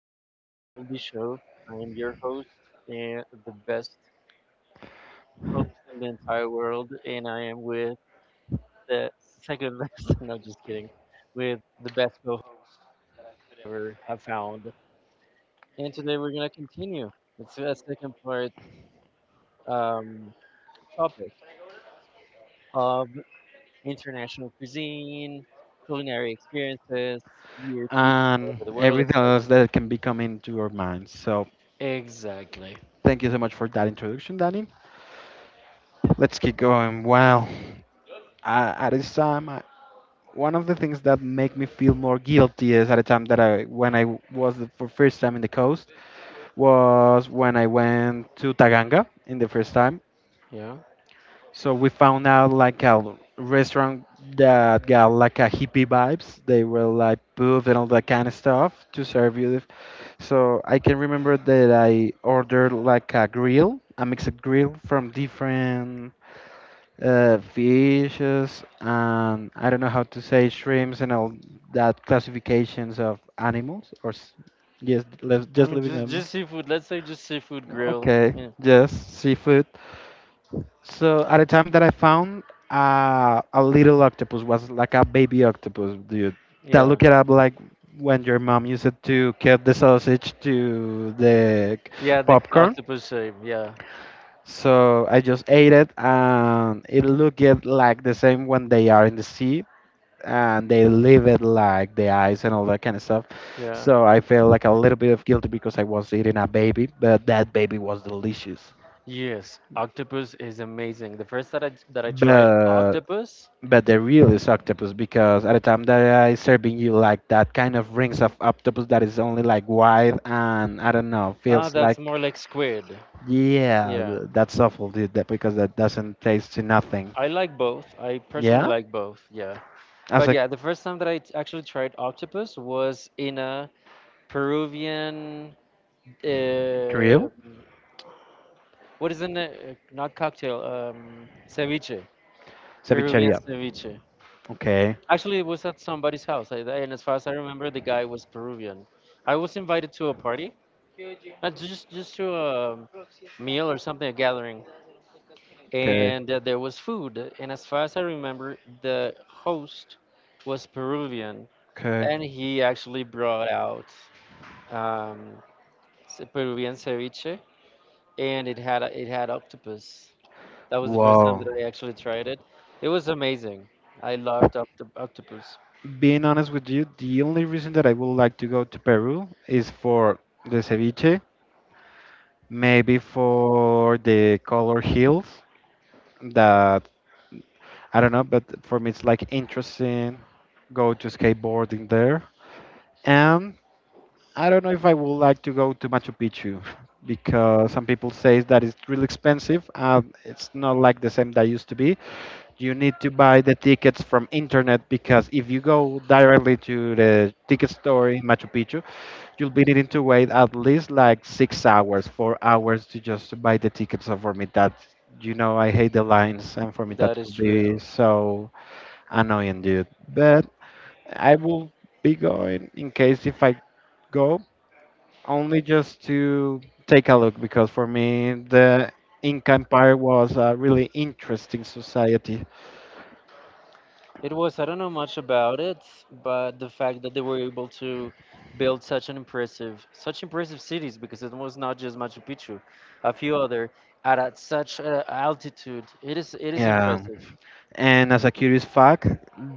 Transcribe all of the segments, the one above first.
Episode of the Double D Show. I am your host and the best host in the entire world, and I am with the second best. No, just kidding. With the best co ever have found. And today we're gonna continue. It's a second part um, topic of international cuisine, culinary experiences, weird food all And over the world. everything else that can be coming into your mind. So Exactly. thank you so much for that introduction, Danny. Let's keep going. Wow, at this time, one of the things that make me feel more guilty is at the time when I was for first time in the coast, was when I went to Taganga in the first time. Yeah. So we found out like a restaurant that got like a hippie vibes. They were like booth and all that kind of stuff to serve you the. So I can remember that I ordered like a grill, a mixed grill from different fishes, and I don't know how to say shrimps and all that classifications of animals or yes, let's I just mean, leave it just alone. just seafood. Let's say just seafood grill. Okay, Yeah. yes, seafood. So at the time that I found a little octopus was like a baby octopus, dude. That Yeah. look it up like when your mom used it to cut the sausage to the Yeah. The popcorn. octopus shape. Yeah. So I just ate it, and it looked it like the same when they are in the sea, and they leave it like the eyes and all that kind of stuff. Yeah. So I feel like a little bit of guilty because I was eating a baby, but that baby was delicious. Yes. Octopus is amazing. The first that I tried But octopus. but the real is octopus because at the time that I serving you like that kind of rings of octopus that is only like wide and I don't know Ah, feels that's like more like squid. yeah, Yeah. That's awful, dude, that because that doesn't taste to nothing. I like both. I personally Yeah. like both. Yeah. As But a yeah, the first time that actually tried octopus was in a Peruvian grill. uh, what is the name? Not cocktail. Ceviche. Peruvian Cevicheria. ceviche. Okay. Actually, it was at somebody's house, and as far as I remember, the guy was Peruvian. I was invited to a party, not just to a meal or something, a gathering, Okay. and there was food. And as far as I remember, the host was Peruvian, and Okay. he actually brought out um, Peruvian ceviche, and it had octopus. That was the first time that I actually tried it. It was amazing. I loved octopus. Being honest with you, the only reason that I would like to go to Peru is for the ceviche, maybe for the color hills that I don't know, but for me it's like interesting. Go to skateboarding there. And I don't know if I would like to go to Machu Picchu because some people say that it's really expensive. It's not like the same that used to be. You need to buy the tickets from internet because if you go directly to the ticket store in Machu Picchu, you'll be needing to wait at least like 6 hours, 4 hours to just to buy the tickets. So for me, that I hate the lines, and for me That that is could true. be so annoying, dude. But I will be going in case if I go only just to take a look because for me the Inca Empire was a really interesting society. It was, I don't know much about it, but the fact that they were able to build such an impressive, such impressive cities, because it was not just Machu Picchu, a few other at a, such a altitude. It is Yeah, impressive. and as a curious fact,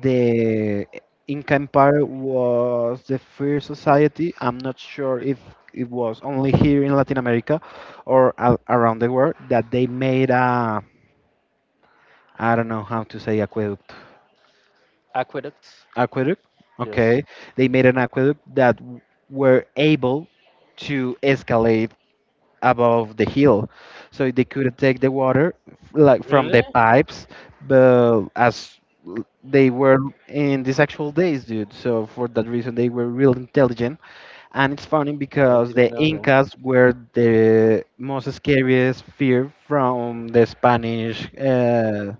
the Inca Empire was the first society. I'm not sure if it was only here in Latin America or a around the world that they made a, I don't know how to say, aqueduct. Aqueduct, Aqueduct. yes. Okay, they made an aqueduct that were able to escalate above the hill, so they could take the water like from the Really? pipes, but as they were in these actual days, dude. So for that reason, they were real intelligent, and it's funny I because the didn't know that. Incas were the most scariest fear from the Spanish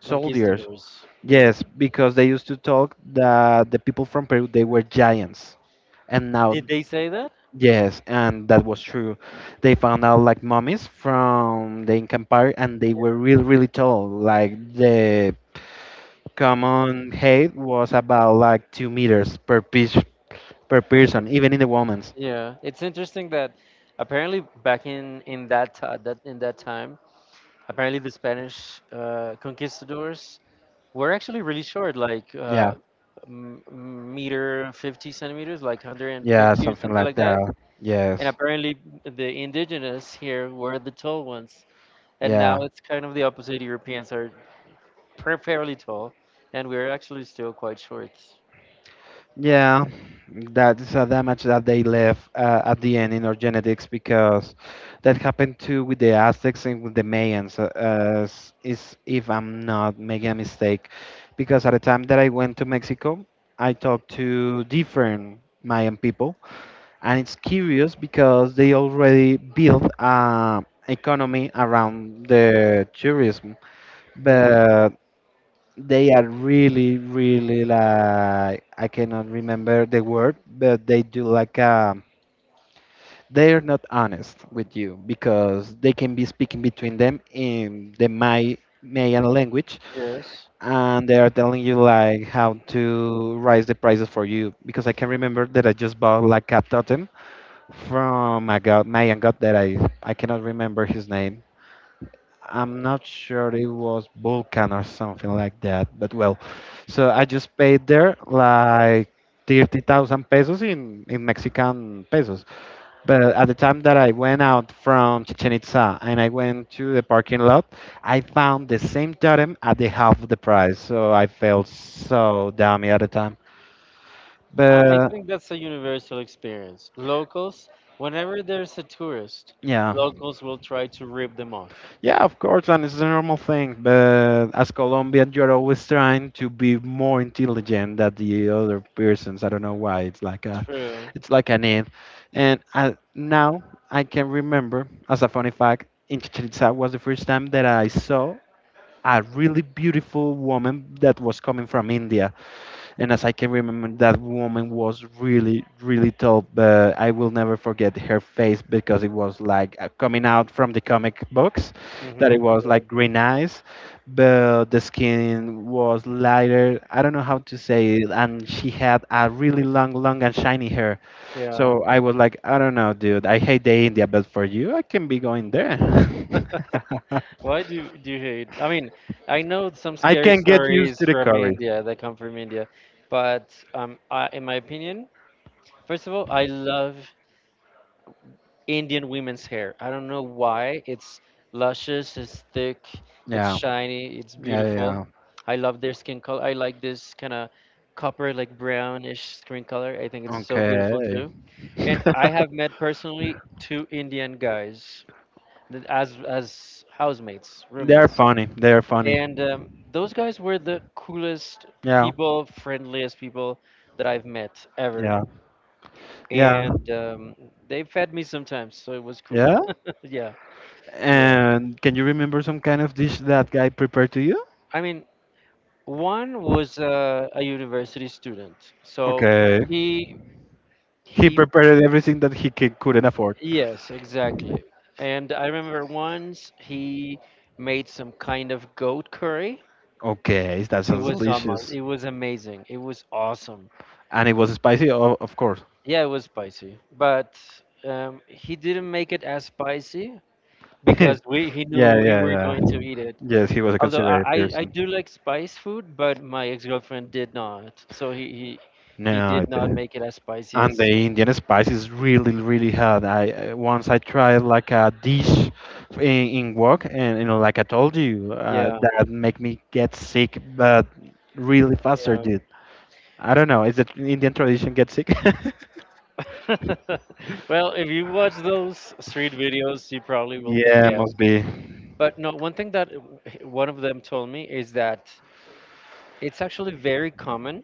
soldiers. Conquistadors. Yeah. Yes, because they used to talk that the people from Peru they were giants, and now Did they say that? yes, and that was true. They found out like mummies from the Inca Empire, and they Yeah. were really really tall. Like the common height was about like 2 meters per piece per person, even in the women's. Yeah. It's interesting that apparently back in that that in that time, apparently the Spanish conquistadors were actually really short, like Yeah, meter 50 centimeters, like yeah, 150 or something something like like that. that. And Yes, apparently the indigenous here were the tall ones. And yeah. now it's kind of the opposite. Europeans are fairly tall, and we're actually still quite short. Yeah, that's a damage that they left at the end in our genetics because that happened too with the Aztecs and with the Mayans, is if I'm not making a mistake. Because at the time that I went to Mexico, I talked to different Mayan people, and it's curious because they already built an economy around the tourism. Yeah. But they are really, really like I cannot remember the word, but they do like they are not honest with you because they can be speaking between them in the Mayan language, Yes. and they are telling you like how to raise the prices for you. Because I can remember that I just bought like a totem from a god Mayan god that I cannot remember his name. I'm not sure it was Vulcan or something like that, but well, so I just paid there like 30,000 pesos in Mexican pesos. But at the time that I went out from Chichen Itza and I went to the parking lot, I found the same totem at the half of the price. So I felt so dummy at the time. I But think that's a universal experience. Locals, whenever there's a tourist, yeah. locals will try to rip them off. Yeah, of course, and it's a normal thing. But as Colombian, you're always trying to be more intelligent than the other persons. I don't know why. True. It's like an need. And now I can remember, as a funny fact, in Chichen Itza was the first time that I saw a really beautiful woman that was coming from India. And as I can remember, that woman was really, really tall. But I will never forget her face because it was like coming out from the comic books, that Mm-hmm. it was like green eyes, but the skin was lighter. I don't know how to say it. And she had a really long, long and shiny hair. Yeah. So I was like, I don't know, dude. I hate the India, but for you, I can be going there. Why do you hate? I mean, I know some I scary can get used stories to the from curry. India that come from India, but I, in my opinion, first of all, I love Indian women's hair. I don't know why. It's luscious, it's thick, it's Yeah. shiny, it's Yeah, yeah, beautiful. yeah. I love their skin color. I like this kind of copper, like brownish skin color. I think it's so beautiful Okay. too. And I have met personally two Indian guys as housemates, They are roommates. funny. They are funny. And those guys were the coolest Yeah. people, friendliest people that I've met ever. Yeah. Yeah. And they fed me sometimes, so it was cool. Yeah. yeah. Yeah, And can you remember some kind of dish that guy prepared to you? I mean, one was a university student, so Okay. he He he prepared everything that he couldn't afford. yes, exactly. And I remember once he made some kind of goat curry. Okay, that It sounds was almost, delicious. it was amazing. It was awesome. And it was spicy, of course. Yeah, it was spicy, but he didn't make it as spicy Yeah, because we he yeah, knew we were yeah. going to eat it. Yes, he was a Although I, considerate I I person. do like spice food, but my ex-girlfriend did not. So he No, did it not didn't. make it as spicy And the as Indian spice is really really hard. Once I tried like a dish in work, and like I told you, yeah, that make me get sick, but really faster, yeah. dude. I don't know. Is it Indian tradition get sick? Well, if you watch those street videos, you probably will think Yeah, yes. must be. But no, one thing that one of them told me is that it's actually very common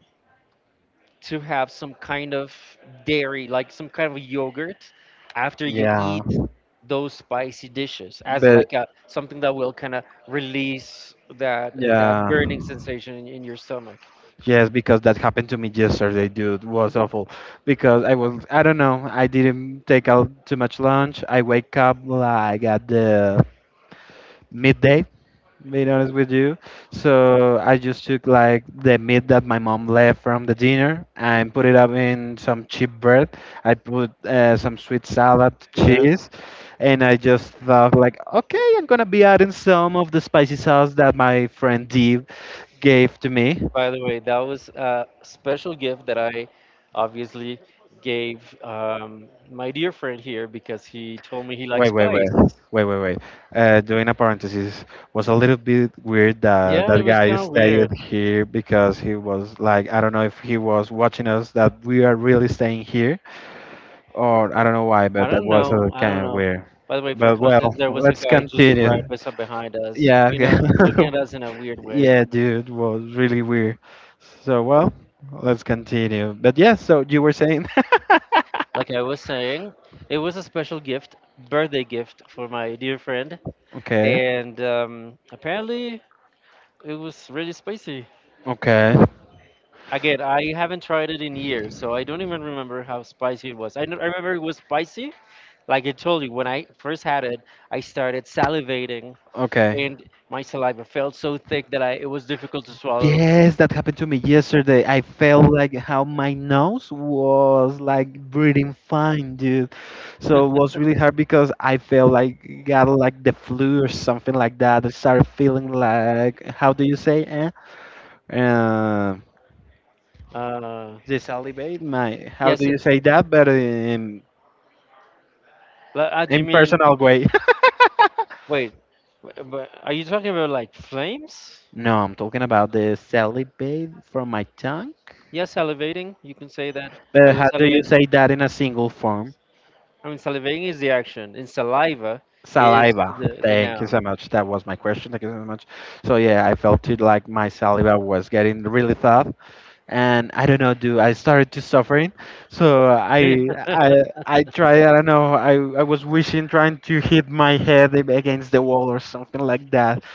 to have some kind of dairy, like some kind of yogurt, after you Yeah, eat those spicy dishes, as but like a something that will kind of release that yeah. burning sensation in your stomach. Yes, because that happened to me yesterday, dude. Was awful because I was, I don't know, I didn't take out too much lunch. I wake up like at the midday, being honest with you, so I just took like the meat that my mom left from the dinner and put it up in some cheap bread. I put some sweet salad Yeah. cheese, and I just thought like, okay, I'm gonna be adding some of the spicy sauce that my friend Dee gave to me. By the way, that was a special gift that I obviously gave my dear friend here because he told me he likes Wait, wait, wait, spice. wait, wait, wait. Doing a parenthesis, was a little bit weird that Yeah, it that was guy kind of stayed weird. here because he was like, I don't know if he was watching us that we are really staying here or I don't know why, I but that don't was know. I don't kind of know. weird. By the way, for But well, context, there was a let's guy just continue. right beside behind us, Yeah, you yeah, know, looking at us in a weird way. yeah, dude, was really weird. So well, let's continue. But yes, so you were saying? Like I was saying, it was a special gift, birthday gift for my dear friend, Okay, and apparently it was really spicy. okay, Again, I haven't tried it in years, so I don't even remember how spicy it was. I remember it was spicy. Like I told you, when I first had it, I started salivating, okay. and my saliva felt so thick that I it was difficult to swallow. Yes, that happened to me yesterday. I felt like how my nose was like breathing fine, dude. So it was really hard because I felt like got like the flu or something like that. I started feeling like, how do you say, eh? Um, Uh, the salivate, my, how do yes. you it- say that? But in do you in mean? personal way. Wait. But are you talking about like flames? No, I'm talking about the salivate from my tongue. Yes, salivating. You can say that. I But was how do you salivate. say that in a single form? I mean, salivating is the action, and saliva is Saliva. The Thank you so noun. much. That was my question. Thank you so much. So yeah, I felt it like my saliva was getting really tough, and I don't know. Do I started to suffering? So I I I tried. I don't know. I was wishing, trying to hit my head against the wall or something like that.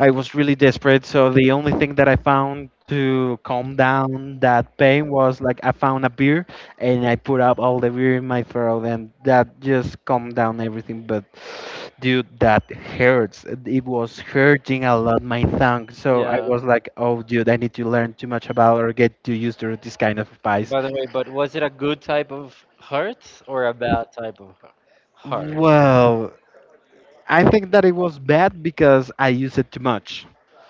I was really desperate. So the only thing that I found to calm down that pain was like I found a beer and I put up all the beer in my throat, and that just calmed down everything. But dude, that hurts. It was hurting a lot my tongue. So I was like, oh, dude, I need to learn too much about or get too used to this kind of spice. By the way, but was it a good type of heart or a bad type of heart? Well, I think that it was bad because I used it too much.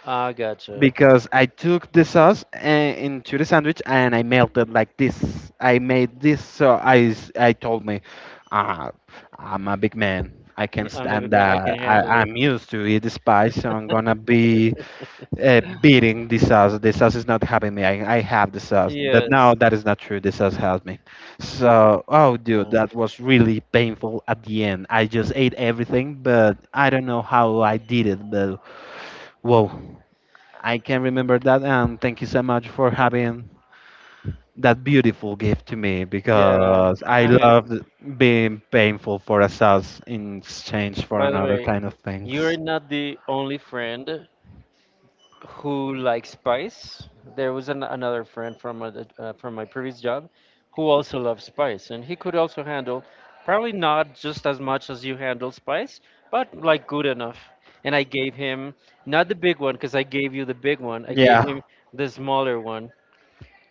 Ah, gotcha. Because I took the sauce into the sandwich and I melted like this. I made this, so I I told me, ah, I'm a big man. I can Y- I'm a stand big man. I can that. I, handle it. I'm used to eat spice, so I'm gonna be beating the sauce. The sauce is not helping me. I have the sauce, but now Yes. that is not true. The sauce helped me. So, oh, dude, uh, that was really painful at the end. I just ate everything, but I don't know how I did it. But whoa. I can remember that, and thank you so much for having that beautiful gift to me yeah. because I I mean, loved being painful for a sauce in exchange for by the another way, kind of you're things. not the only friend who likes spice. There was another friend from from my previous job who also loves spice, and he could also handle probably not just as much as you handle spice, but like good enough. And I gave him not the big one because I gave you the big one. I gave him Yeah. the smaller one,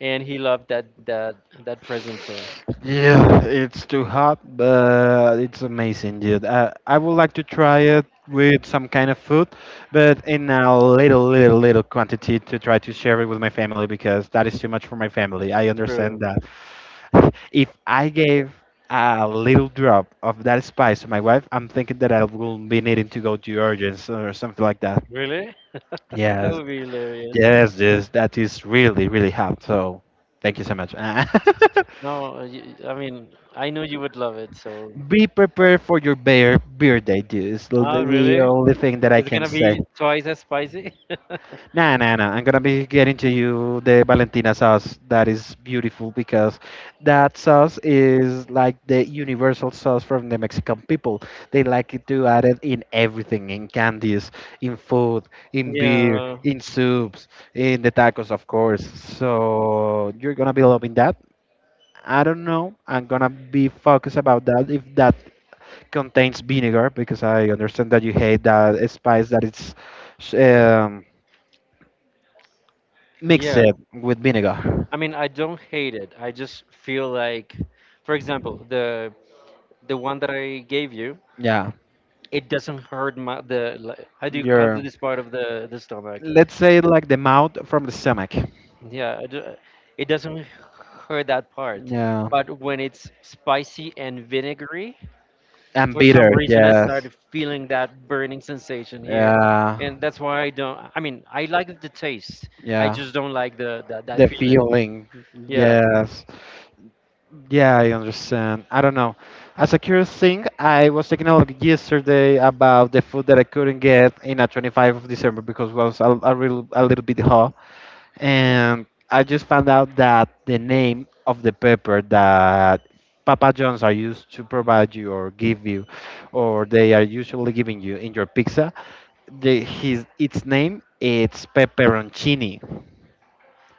and he loved that present too. Yeah, it's too hot, but it's amazing, dude. I would like to try it with some kind of food, but in a little, little, little quantity to try to share it with my family because that is too much for my family. I understand True. that. If I gave a little drop of that spice to my wife, I'm thinking that I will be needing to go to urgence or something like that. Really? That Yes, would be hilarious. yes, yes, that is really, really hot. So thank you so much. No, I mean, I know you would love it, so. Be prepared for your bear beard ideas. The Oh, the really? only thing that I It's can gonna say. be twice as spicy. Nah, nah, nah. I'm gonna be getting to you the Valentina sauce that is beautiful because that sauce is like the universal sauce from the Mexican people. They like it to add it in everything, in candies, in food, in beer, Yeah, in soups, in the tacos, of course. So you're gonna be loving that. I don't know. I'm gonna be focused about that if that contains vinegar because I understand that you hate that spice that it's um, mixed yeah. with vinegar. I mean, I don't hate it. I just feel like, for example, the one that I gave you, Yeah, it doesn't hurt my the like, how do you call your this part of the stomach? let's say like the mouth from the stomach. Yeah, it doesn't hurt that part. Yeah, But when it's spicy and vinegary, and for some bitter. reason I Yes. started feeling that burning sensation here, Yeah. and that's why I don't. I mean, I like the taste. I Yeah. just don't like the that The feeling. feeling. Yeah, Yes. Yeah, I understand. I don't know. As a curious thing, I was taking a look yesterday about the food that I couldn't get in a 25th of December because it was a, real, a little bit hot. And I just found out that the name of the pepper that Papa John's are used to provide you or give you, or they are usually giving you in your pizza, the, his its name it's pepperoncini.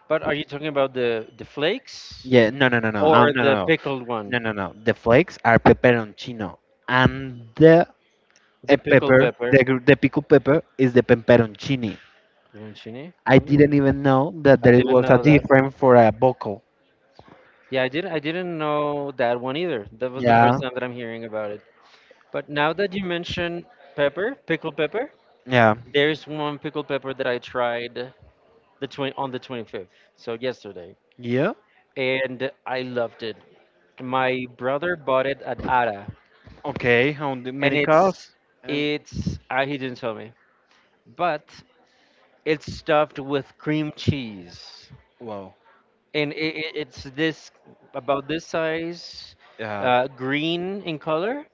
but are you talking about the flakes Yeah, no, no, no, no, or no, no. the No. pickled No, one? no, no. The flakes are pepperoncino, and the The pickled pepper, the pepper the pickled pepper, is the pepperoncini. Arancini? I didn't even know that I there didn't was a know that. different for a vocal. Yeah, I didn't know that one either. That was the Yeah, first time that I'm hearing about it. But now that you mention pepper, pickled pepper, yeah, there's one pickled pepper that I tried on the 25th, so yesterday, yeah. and I loved it. My brother bought it at Ara, Okay, and many cows? And it's he didn't tell me, but it's stuffed with cream cheese, wow, and it's this about this size, yeah, green in color,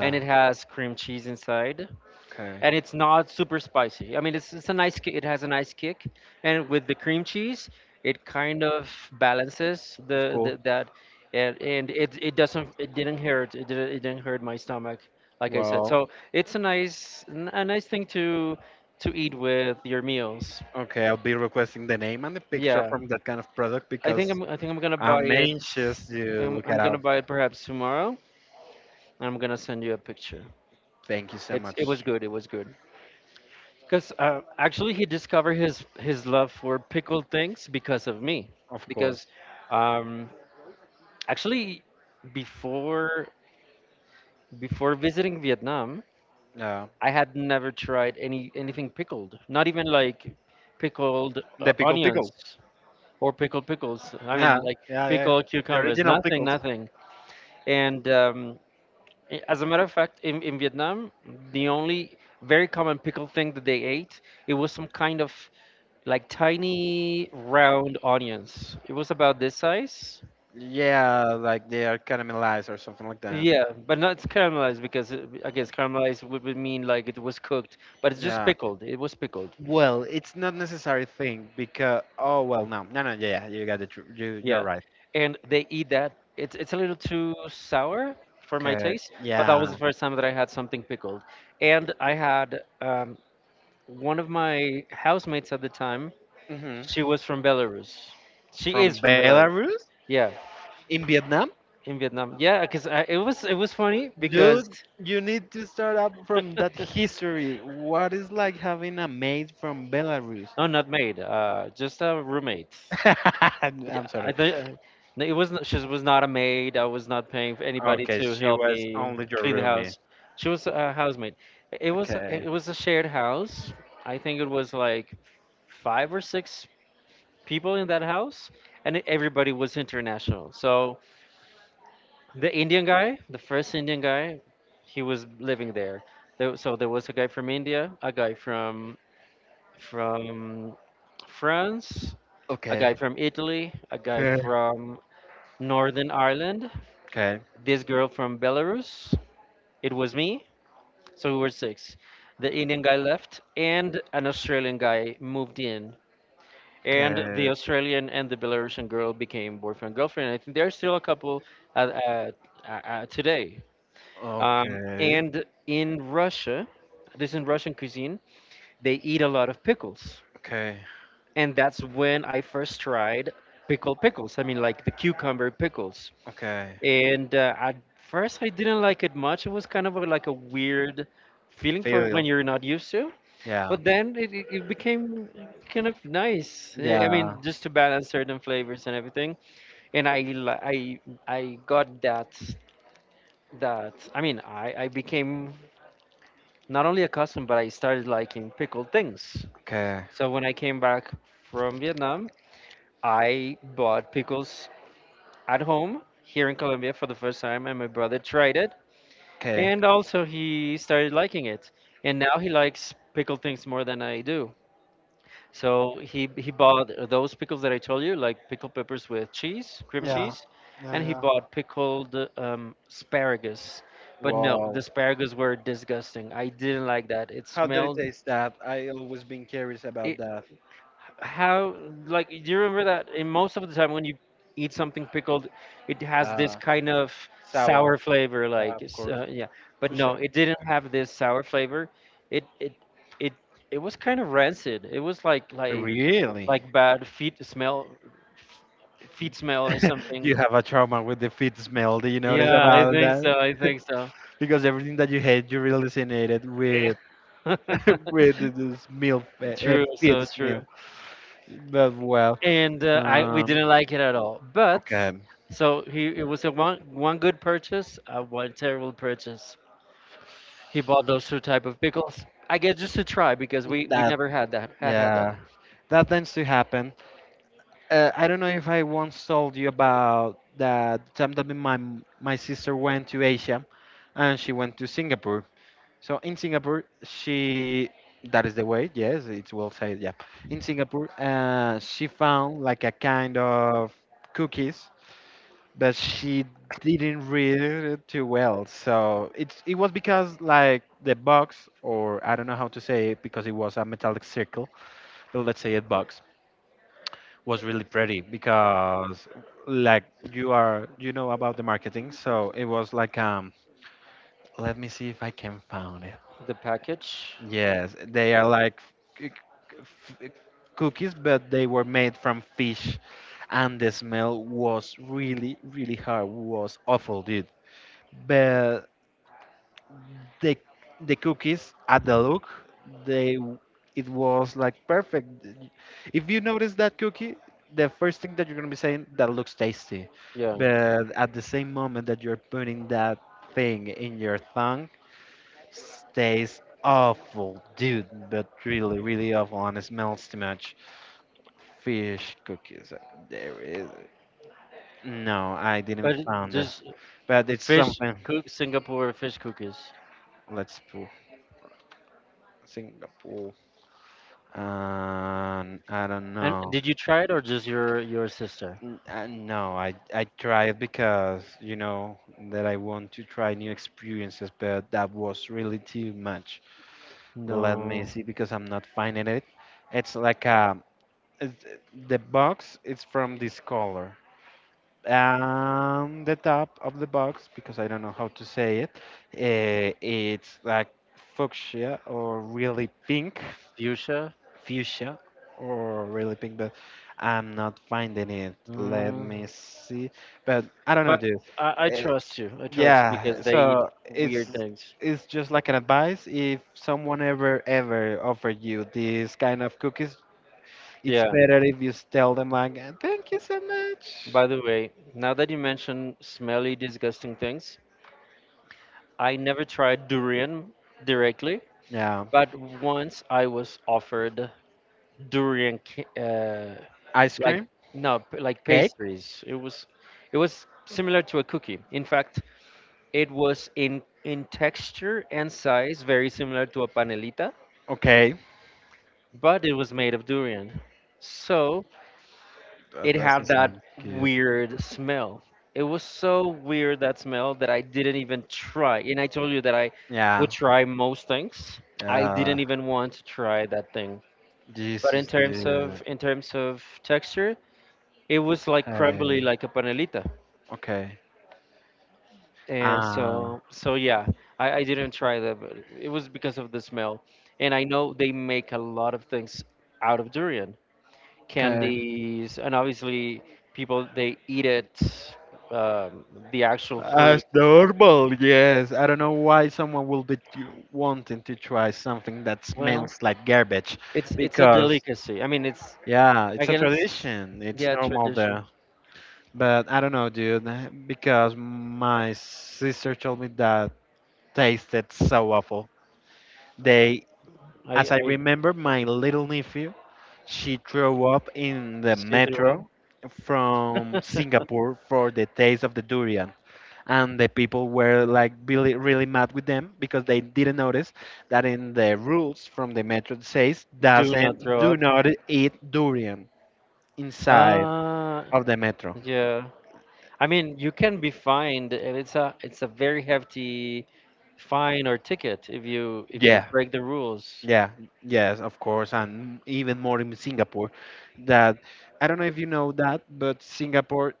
and it has cream cheese inside, Okay, and it's not super spicy. I mean, it's a nice kick. It has a nice kick, and with the cream cheese, it kind of balances of course. the that, and it doesn't it didn't hurt my stomach like I said. Wow. So it's a nice thing to eat with your meals. Okay, I'll be requesting the name and the picture Yeah. from that kind of product because I think I'm gonna buy I'm it. anxious to look it I'm gonna up. buy it perhaps tomorrow, and I'm gonna send you a picture. Thank you so It's it was much. good. It was good. Cause actually he discovered his love for pickled things because of me. Of Because course. um, actually before before visiting Vietnam, Yeah. I had never tried anything pickled. Not even like pickled The pickle onions pickle. or pickled pickles. I mean Yeah, like yeah, yeah. pickled The cucumbers. original Nothing. pickles. Nothing. And I- as a matter of fact, in Vietnam, the only very common pickle thing that they ate, it was some kind of like tiny round onions. It was about this size. Yeah, like they are caramelized or something like that. Yeah, but not caramelized because it, I guess caramelized would mean like it was cooked, but it's just Yeah. pickled. It was pickled. Well, it's not necessary thing because oh well no no no yeah yeah, you got the tr- you you're Yeah, right. and they eat that. It's a little too sour for my Okay. taste, but that Yeah. was the first time that I had something pickled. And I had um, one of my housemates at the time Hmm. she was from Belarus. She is From from Belarus. Belarus? Yeah, In Vietnam, in Vietnam. Yeah, because it was funny because dude, you need to start up from that history. What is like having a maid from Belarus? no, not maid. Just a roommate. Yeah, I'm I sorry. think no, it was not, she was not a maid. I was not paying for anybody Okay, to she help was me only your clean the roomie. house. She was a housemaid. Okay. It was a shared house. I think it was like five or 6 people in that house, and everybody was international. So the Indian guy, the first Indian guy, he was living there. So there was a guy from India, a guy from France, a guy Okay. from Italy, a guy Okay. from Northern Ireland, Okay. this girl from Belarus. It was me. So we were 6. The Indian guy left, and an Australian guy moved in. And the Australian and the Belarusian girl became boyfriend and girlfriend. I think they're still a couple uh, uh, today. Okay. Okay. And in Russia, this in Russian cuisine, they eat a lot of pickles. Okay. And that's when I first tried pickled pickles. I mean, like the cucumber pickles. Okay. And at first, I didn't like it much. It was kind of a, like a weird feeling for when Feel. you're not used to. Yeah. But then it became kind of nice. I Yeah. mean, just to balance certain flavors and everything. And I got that I mean I became not only accustomed, but I started liking pickled things. Okay. So when I came back from Vietnam, I bought pickles at home here in Colombia for the first time, and my brother tried it, Okay. and also he started liking it. And now he likes pickled things more than I do. So he bought those pickles that I told you, like pickled peppers with cheese, cream Yeah. cheese, Yeah. and he Yeah. bought pickled asparagus. But no, the Wow. asparagus were disgusting. I didn't like that. It How did it smelled. taste that? I always been curious about It that. how like do you remember that in most of the time when you eat something pickled it has this Uh, kind of Sour, sour flavor yeah, like of it's, course, uh, yeah but for no sure. it didn't have this sour flavor it it it it was kind of rancid it was like like Really? like bad feet smell f- feet smell or something You have a trauma with the feet smell. Do you notice yeah i about think that? so i think so Because everything that you hate, you really resonated with with this meal, true feet so true smell. But well, And I we um, didn't like it at all. But okay. so he it was a one good purchase, one terrible purchase. He bought those two type of pickles. I guess just to try because we That never had that had that yeah, that tends to happen. I don't know if I once told you about that time that my sister went to Asia, and she went to Singapore. So in Singapore, she that is the way. Yes, it's well said. Yeah, in Singapore, she found like a kind of cookies, but she didn't read it too well. So it's it was because like the box, or I don't know how to say it, because it was a metallic circle let's say it bucks was really pretty because like you are you know about the marketing so it was like let me see if I can find it. the package. Yes, they are like c- c- f- cookies but they were made from fish and the smell was really really hard, was awful dude. But the the cookies at the look they w- it was like perfect. If you notice that cookie, the first thing that you're going to be saying that looks tasty, Yeah, but at the same moment that you're putting that thing in your tongue tastes awful dude, but really really awful and it smells too much. Fish cookies, there is no. I didn't but find it, just but it's fish something. cook Singapore fish cookies. Let's pull Singapore. I don't And know. did you try it or just your sister? No, I tried because you know that I want to try new experiences, but that was really too much. Let me No, see because I'm not finding it. It's like it's, the box is from this color. The top of the box because I don't know how to say it. It's like fuchsia or really pink, fuchsia. fuchsia or really pink, but I'm not finding it. Let Mm. me see. But I don't know, But dude. I Eh, trust you. I trust you yeah, because they eat so it's weird things. it's just like an advice. If someone ever ever offer you this kind of cookies, it's Yeah. better if you tell them like, Thank you so much." By the way, now that you mention smelly, disgusting things, I never tried durian directly, Yeah, but once I was offered durian, ca- ice like cream, no, p- like cake? pastries. It was similar to a cookie. In fact, it was in texture and size very similar to a panelita, Okay. but it was made of durian. So That it doesn't had that sound good. weird smell. It was so weird that smell that I didn't even try. And I told you that I would Yeah, try most things. I yeah. didn't even want to try that thing. This But in is terms of the in terms of texture, it was like crumbly, hey. like a panelita. Okay. And Ah, so yeah, I didn't try that, but it was because of the smell. And I know they make a lot of things out of durian. okay. Candies, and obviously people they eat it, um, the actual fruit. As normal, yes. I don't know why someone will be wanting to try something that Well, smells like garbage, it's a because delicacy. I mean, it's yeah, I it's a guess tradition. It's yeah, normal tradition. there. But I don't know, dude, because my sister told me that tasted so awful. They As I I remember, my little nephew, she drove up in the still throw metro from up. Singapore for the taste of the durian. And the people were like really, really mad with them because they didn't notice that in the rules from the metro it says Do not doesn't throw do up. not eat durian inside Uh, of the metro. yeah. I mean, you can be fined, and it's a very hefty fine or ticket if you Yeah, break the rules. yeah, yes, of course, and even more in Singapore. That I don't know if you know that, but Singapore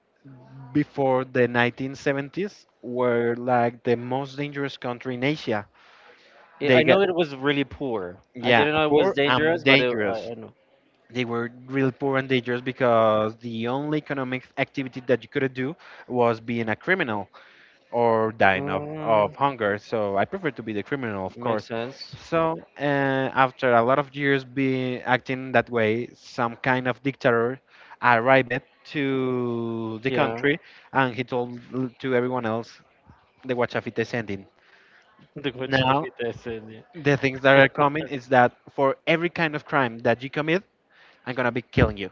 before the 1970s were like the most dangerous country in Asia. Yeah, They I got know it was really poor. I yeah, didn't know it was poor and dangerous, but dangerous. I know. They were really poor and dangerous because the only economic activity that you could do was being a criminal or dying of Mm, hunger. So I prefer to be the criminal, of makes course. sense. So after a lot of years be acting that way, some kind of dictator arrived to the Yeah. country, and he told to everyone else the Guachafita is ending. The Guachal Now with the things that are coming is that for every kind of crime that you commit, I'm gonna be killing you.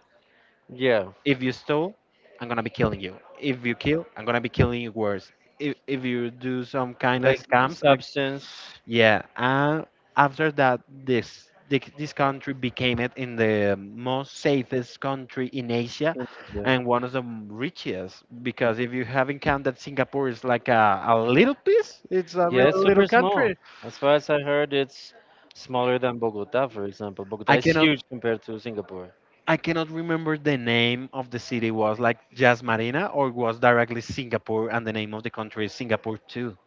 Yeah, Yeah, If you stole, I'm gonna be killing you. If you kill, I'm gonna be killing you worse. If you do some kind of like scams, I'm substance. Yeah, and after that, this country became it in the most safest country in Asia, Yeah. and one of the richest. Because if you haven't counted, Singapore is like a little piece. It's a Yeah, really it's little super small. country. As far as I heard, it's smaller than Bogota, for example. Bogota I is cannot huge compared to Singapore. I cannot remember the name of the city was like just Marina or was directly Singapore, and the name of the country is Singapore too.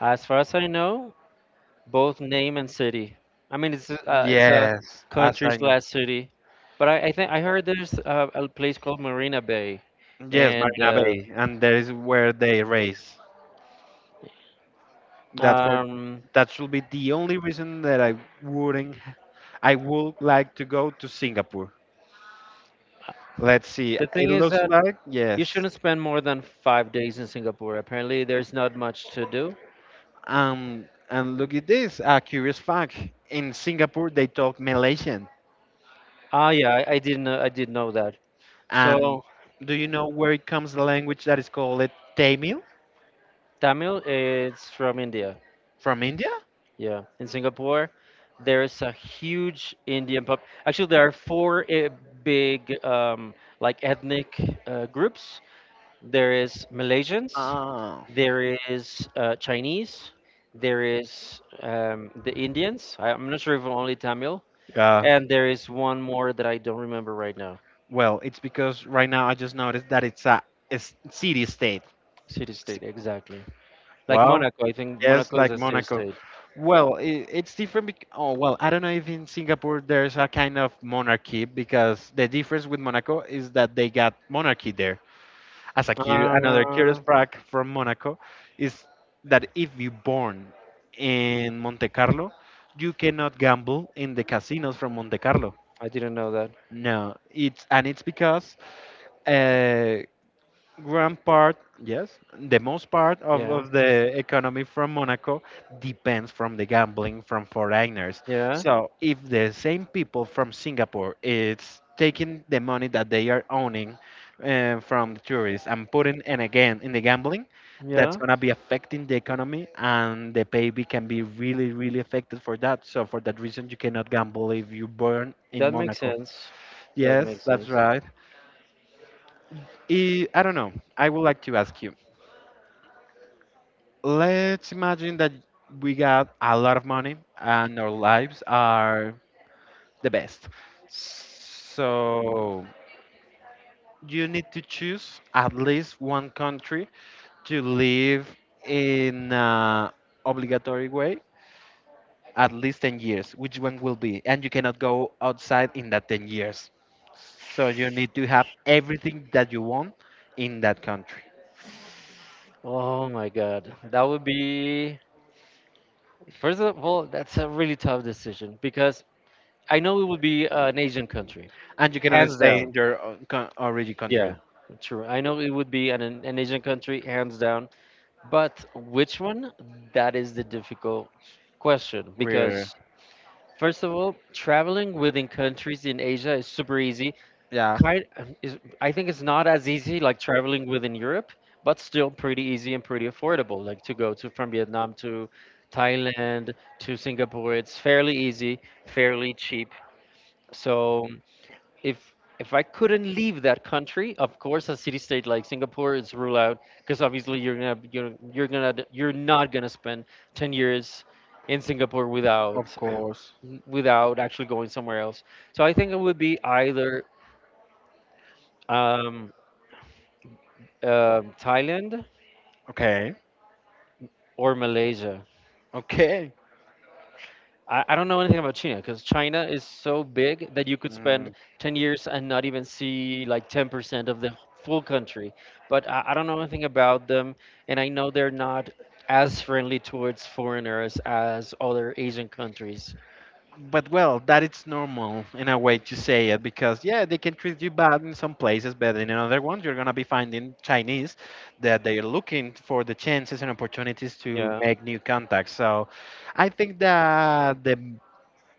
As far as I know, both name and city. I mean, it's a Yes, as country I know. slash city, but I think I heard there's a place called Marina Bay, Yes, and Marina Bay, and that is where they race. That for Um, that should be the only reason that I wouldn't. I would like to go to Singapore. Let's see. the thing It is looks that like you yes. shouldn't spend more than 5 days in Singapore. Apparently, there's not much to do. And look at this. A curious fact: in Singapore, they talk Malaysian. Ah, yeah, I didn't know, I did know that. And So do you know where it comes the language that is called it Tamil Tamil, is from India. from India? Yeah, in Singapore, there is a huge Indian pop. Actually, there are four big like ethnic groups. There is Malaysians, Ah. there is Chinese, there is the Indians. I, I'm not sure if only Tamil, Yeah. and there is one more that I don't remember right now. Well, it's because right now I just noticed that it's a, city state. City state, exactly. Like Wow. Monaco, I think Yes, Monaco is like a city Monaco. state. Well, I it's different. Oh, well, I don't know if in Singapore there's a kind of monarchy because the difference with Monaco is that they got monarchy there. As a another Uh, curious fact from Monaco is that if you born in Monte Carlo, you cannot gamble in the casinos from Monte Carlo. I didn't know that. No, it's and it's because uh, grand part, yes, the most part of, Yeah, of the economy from Monaco depends from the gambling from foreigners. yeah, So if the same people from Singapore it's taking the money that they are owning from the tourists and putting and again in the gambling, that's yeah. gonna be affecting the economy and the baby can be really really affected for that. So for that reason, you cannot gamble if you born in That makes Monaco. sense. That Yes, makes that's sense. right. I don't know. I would like to ask you, let's imagine that we got a lot of money and our lives are the best. So you need to choose at least one country to live in a obligatory way at least 10 years. Which one will be? And you cannot go outside in that 10 years. So you need to have everything that you want in that country. Oh my God, that would be First of all, that's a really tough decision because I know it would be an Asian country, And you cannot hands stay down. in your own origin Yeah, country. true. I know it would be an Asian country, hands down. But which one? That is the difficult question Where, because, first of all, traveling within countries in Asia is super easy. yeah. Kind is I think it's not as easy like traveling within Europe, but still pretty easy and pretty affordable. Like to go to from Vietnam to Thailand to Singapore, it's fairly easy, fairly cheap. So if I couldn't leave that country, of course, a city state like Singapore is rule out because obviously you're not gonna spend 10 years in Singapore Of without course. without actually going somewhere else. So I think it would be either um, Thailand Okay. or Malaysia. Okay. I don't know anything about China because China is so big that you could Mm, spend 10 years and not even see like 10% of the full country. But I don't know anything about them, and I know they're not as friendly towards foreigners as other Asian countries. but well, that it's normal in a way to say it because yeah, they can treat you bad in some places, but in another ones you're gonna be finding Chinese that they're looking for the chances and opportunities to Yeah. make new contacts. So I think that the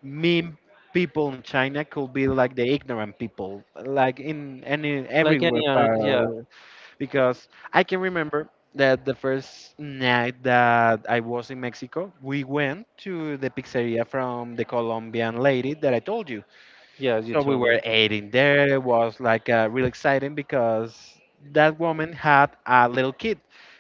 meme people in China could be like the ignorant people, like in any Like everywhere any other, yeah, part, because I can remember that the first night that I was in Mexico, we went to the pizzeria from the Colombian lady that I told you. yeah, as you So we told me. were eating there. It was like really exciting because that woman had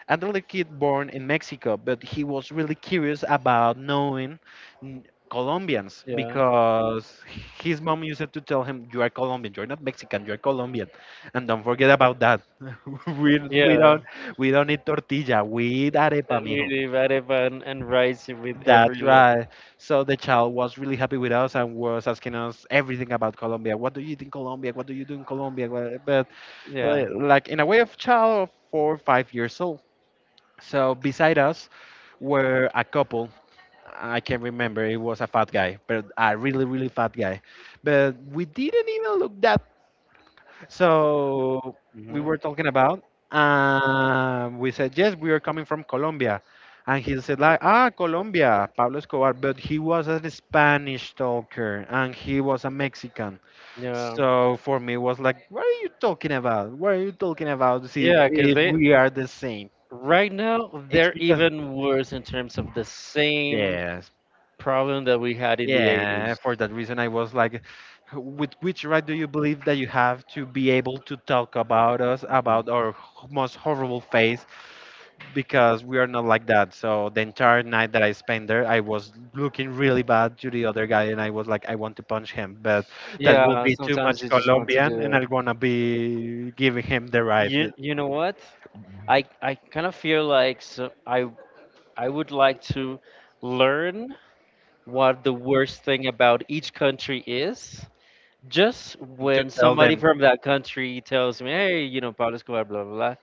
a little kid born in Mexico, but he was really curious about knowing n- Colombians Yeah. because his mom used to tell him, "You are Colombian. You're not Mexican. You're Colombian, and don't forget about that." We Yeah. don't Yeah. we don't eat tortilla. We eat arepa, We mijo." Really bad and rice with every, That's lo- right. So the child was really happy with us and was asking us everything about Colombia. What do you eat in Colombia? What do you do in Colombia? Wha- But yeah. Like in a way of child of 4 or 5 years old. So beside us were a couple. I can't remember. It was a fat guy, but a really, really fat guy. But we didn't even look that, so we Hmm. were talking about, we said, yes, we are coming from Colombia. And he said, like, ah, Colombia, Pablo Escobar, but he was a Spanish talker and he was a Mexican. Yeah. So for me, it was like, what are you talking about? What are you talking about? See, Yeah, because if they we are the same. right now they're Because, even worse in terms of the same yes, problem that we had in the yeah, 80s. for that reason, I was like, with which right do you believe that you have to be able to talk about us, about Mhm. our most horrible face, because we are not like that. So the entire night that I spent there, I was looking really bad to the other guy, and I was like, I want to punch him, but that will Yeah, be too sometimes much you just want to do Colombian, and it. I'm gonna be giving him the right You know what? I kind of feel like so I would like to learn what the worst thing about each country is. Just to when tell somebody them. from that country tells me, hey, you know, Pablo Escobar, blah, blah, blah,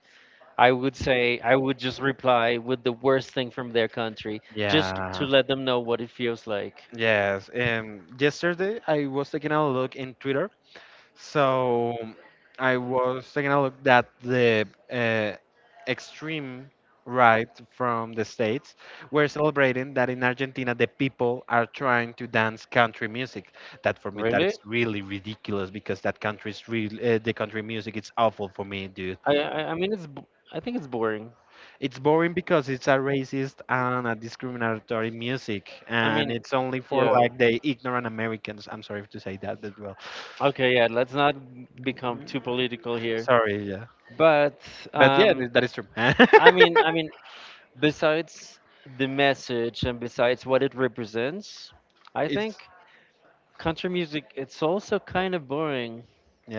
I would say, I would just reply with the worst thing from their country just to Yeah. let them know what it feels like. Yes. Yesterday, I was taking a look in Twitter. So I was taking a look at the extreme right from the States. We're celebrating that in Argentina, the people are trying to dance country music. That for me, that Really? is really ridiculous because that country's real, the country music, it's awful for me, dude. I mean, it's, b- I think it's boring. It's boring because it's a racist and a discriminatory music, I and mean, it's only for yeah. like the ignorant Americans. I'm sorry to say that, but well, Okay, yeah, let's not become too political here. sorry, yeah. But But yeah, um, that is true. I mean, besides the message and besides what it represents, I think it's country music it's also kind of boring.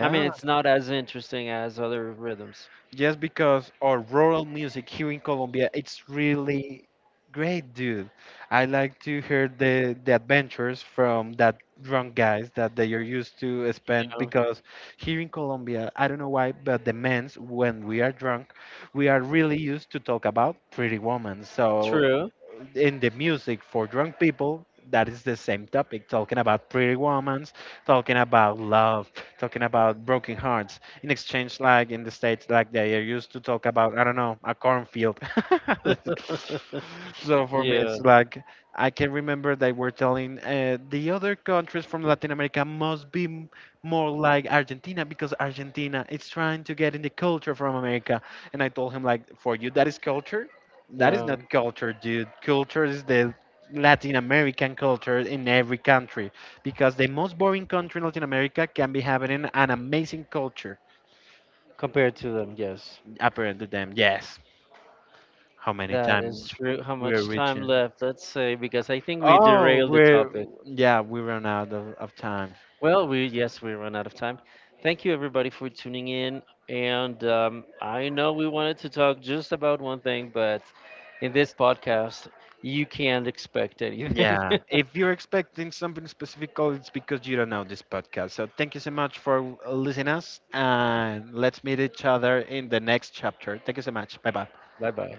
I mean, it's not as interesting as other rhythms. just because our rural music here in Colombia it's really great, dude. I like to hear the adventures from that drunk guys that they are used to You spend know? because here in Colombia, I don't know why, but the men's when we are drunk, we are really used to talk about pretty women. So True. in the music for drunk people, that is the same topic, talking about pretty women, talking about love, talking about broken hearts. In exchange, like in the States, like they are used to talk about, I don't know, a cornfield. So for me Yeah. it's like, I can remember they were telling the other countries from Latin America must be more like Argentina because Argentina is trying to get in the culture from America. And I told him, like, for you that is culture? That is Yeah. not culture, dude. Culture is the Latin American culture in every country, because the most boring country in Latin America can be having an amazing culture Compared to them, yes. apparent to them. Yes. How many That is times true. How we're much time reaching? left? Let's say because I think we Oh, derailed the we're, topic. yeah, we run out of time. Well, we yes, we run out of time. Thank you everybody for tuning in. And I know we wanted to talk just about one thing, but in this podcast, you can't expect anything. Yeah. If you're expecting something specific, oh, it's because you don't know this podcast. So thank you so much for listening us, and let's meet each other in the next chapter. Thank you so much. Bye bye. bye bye.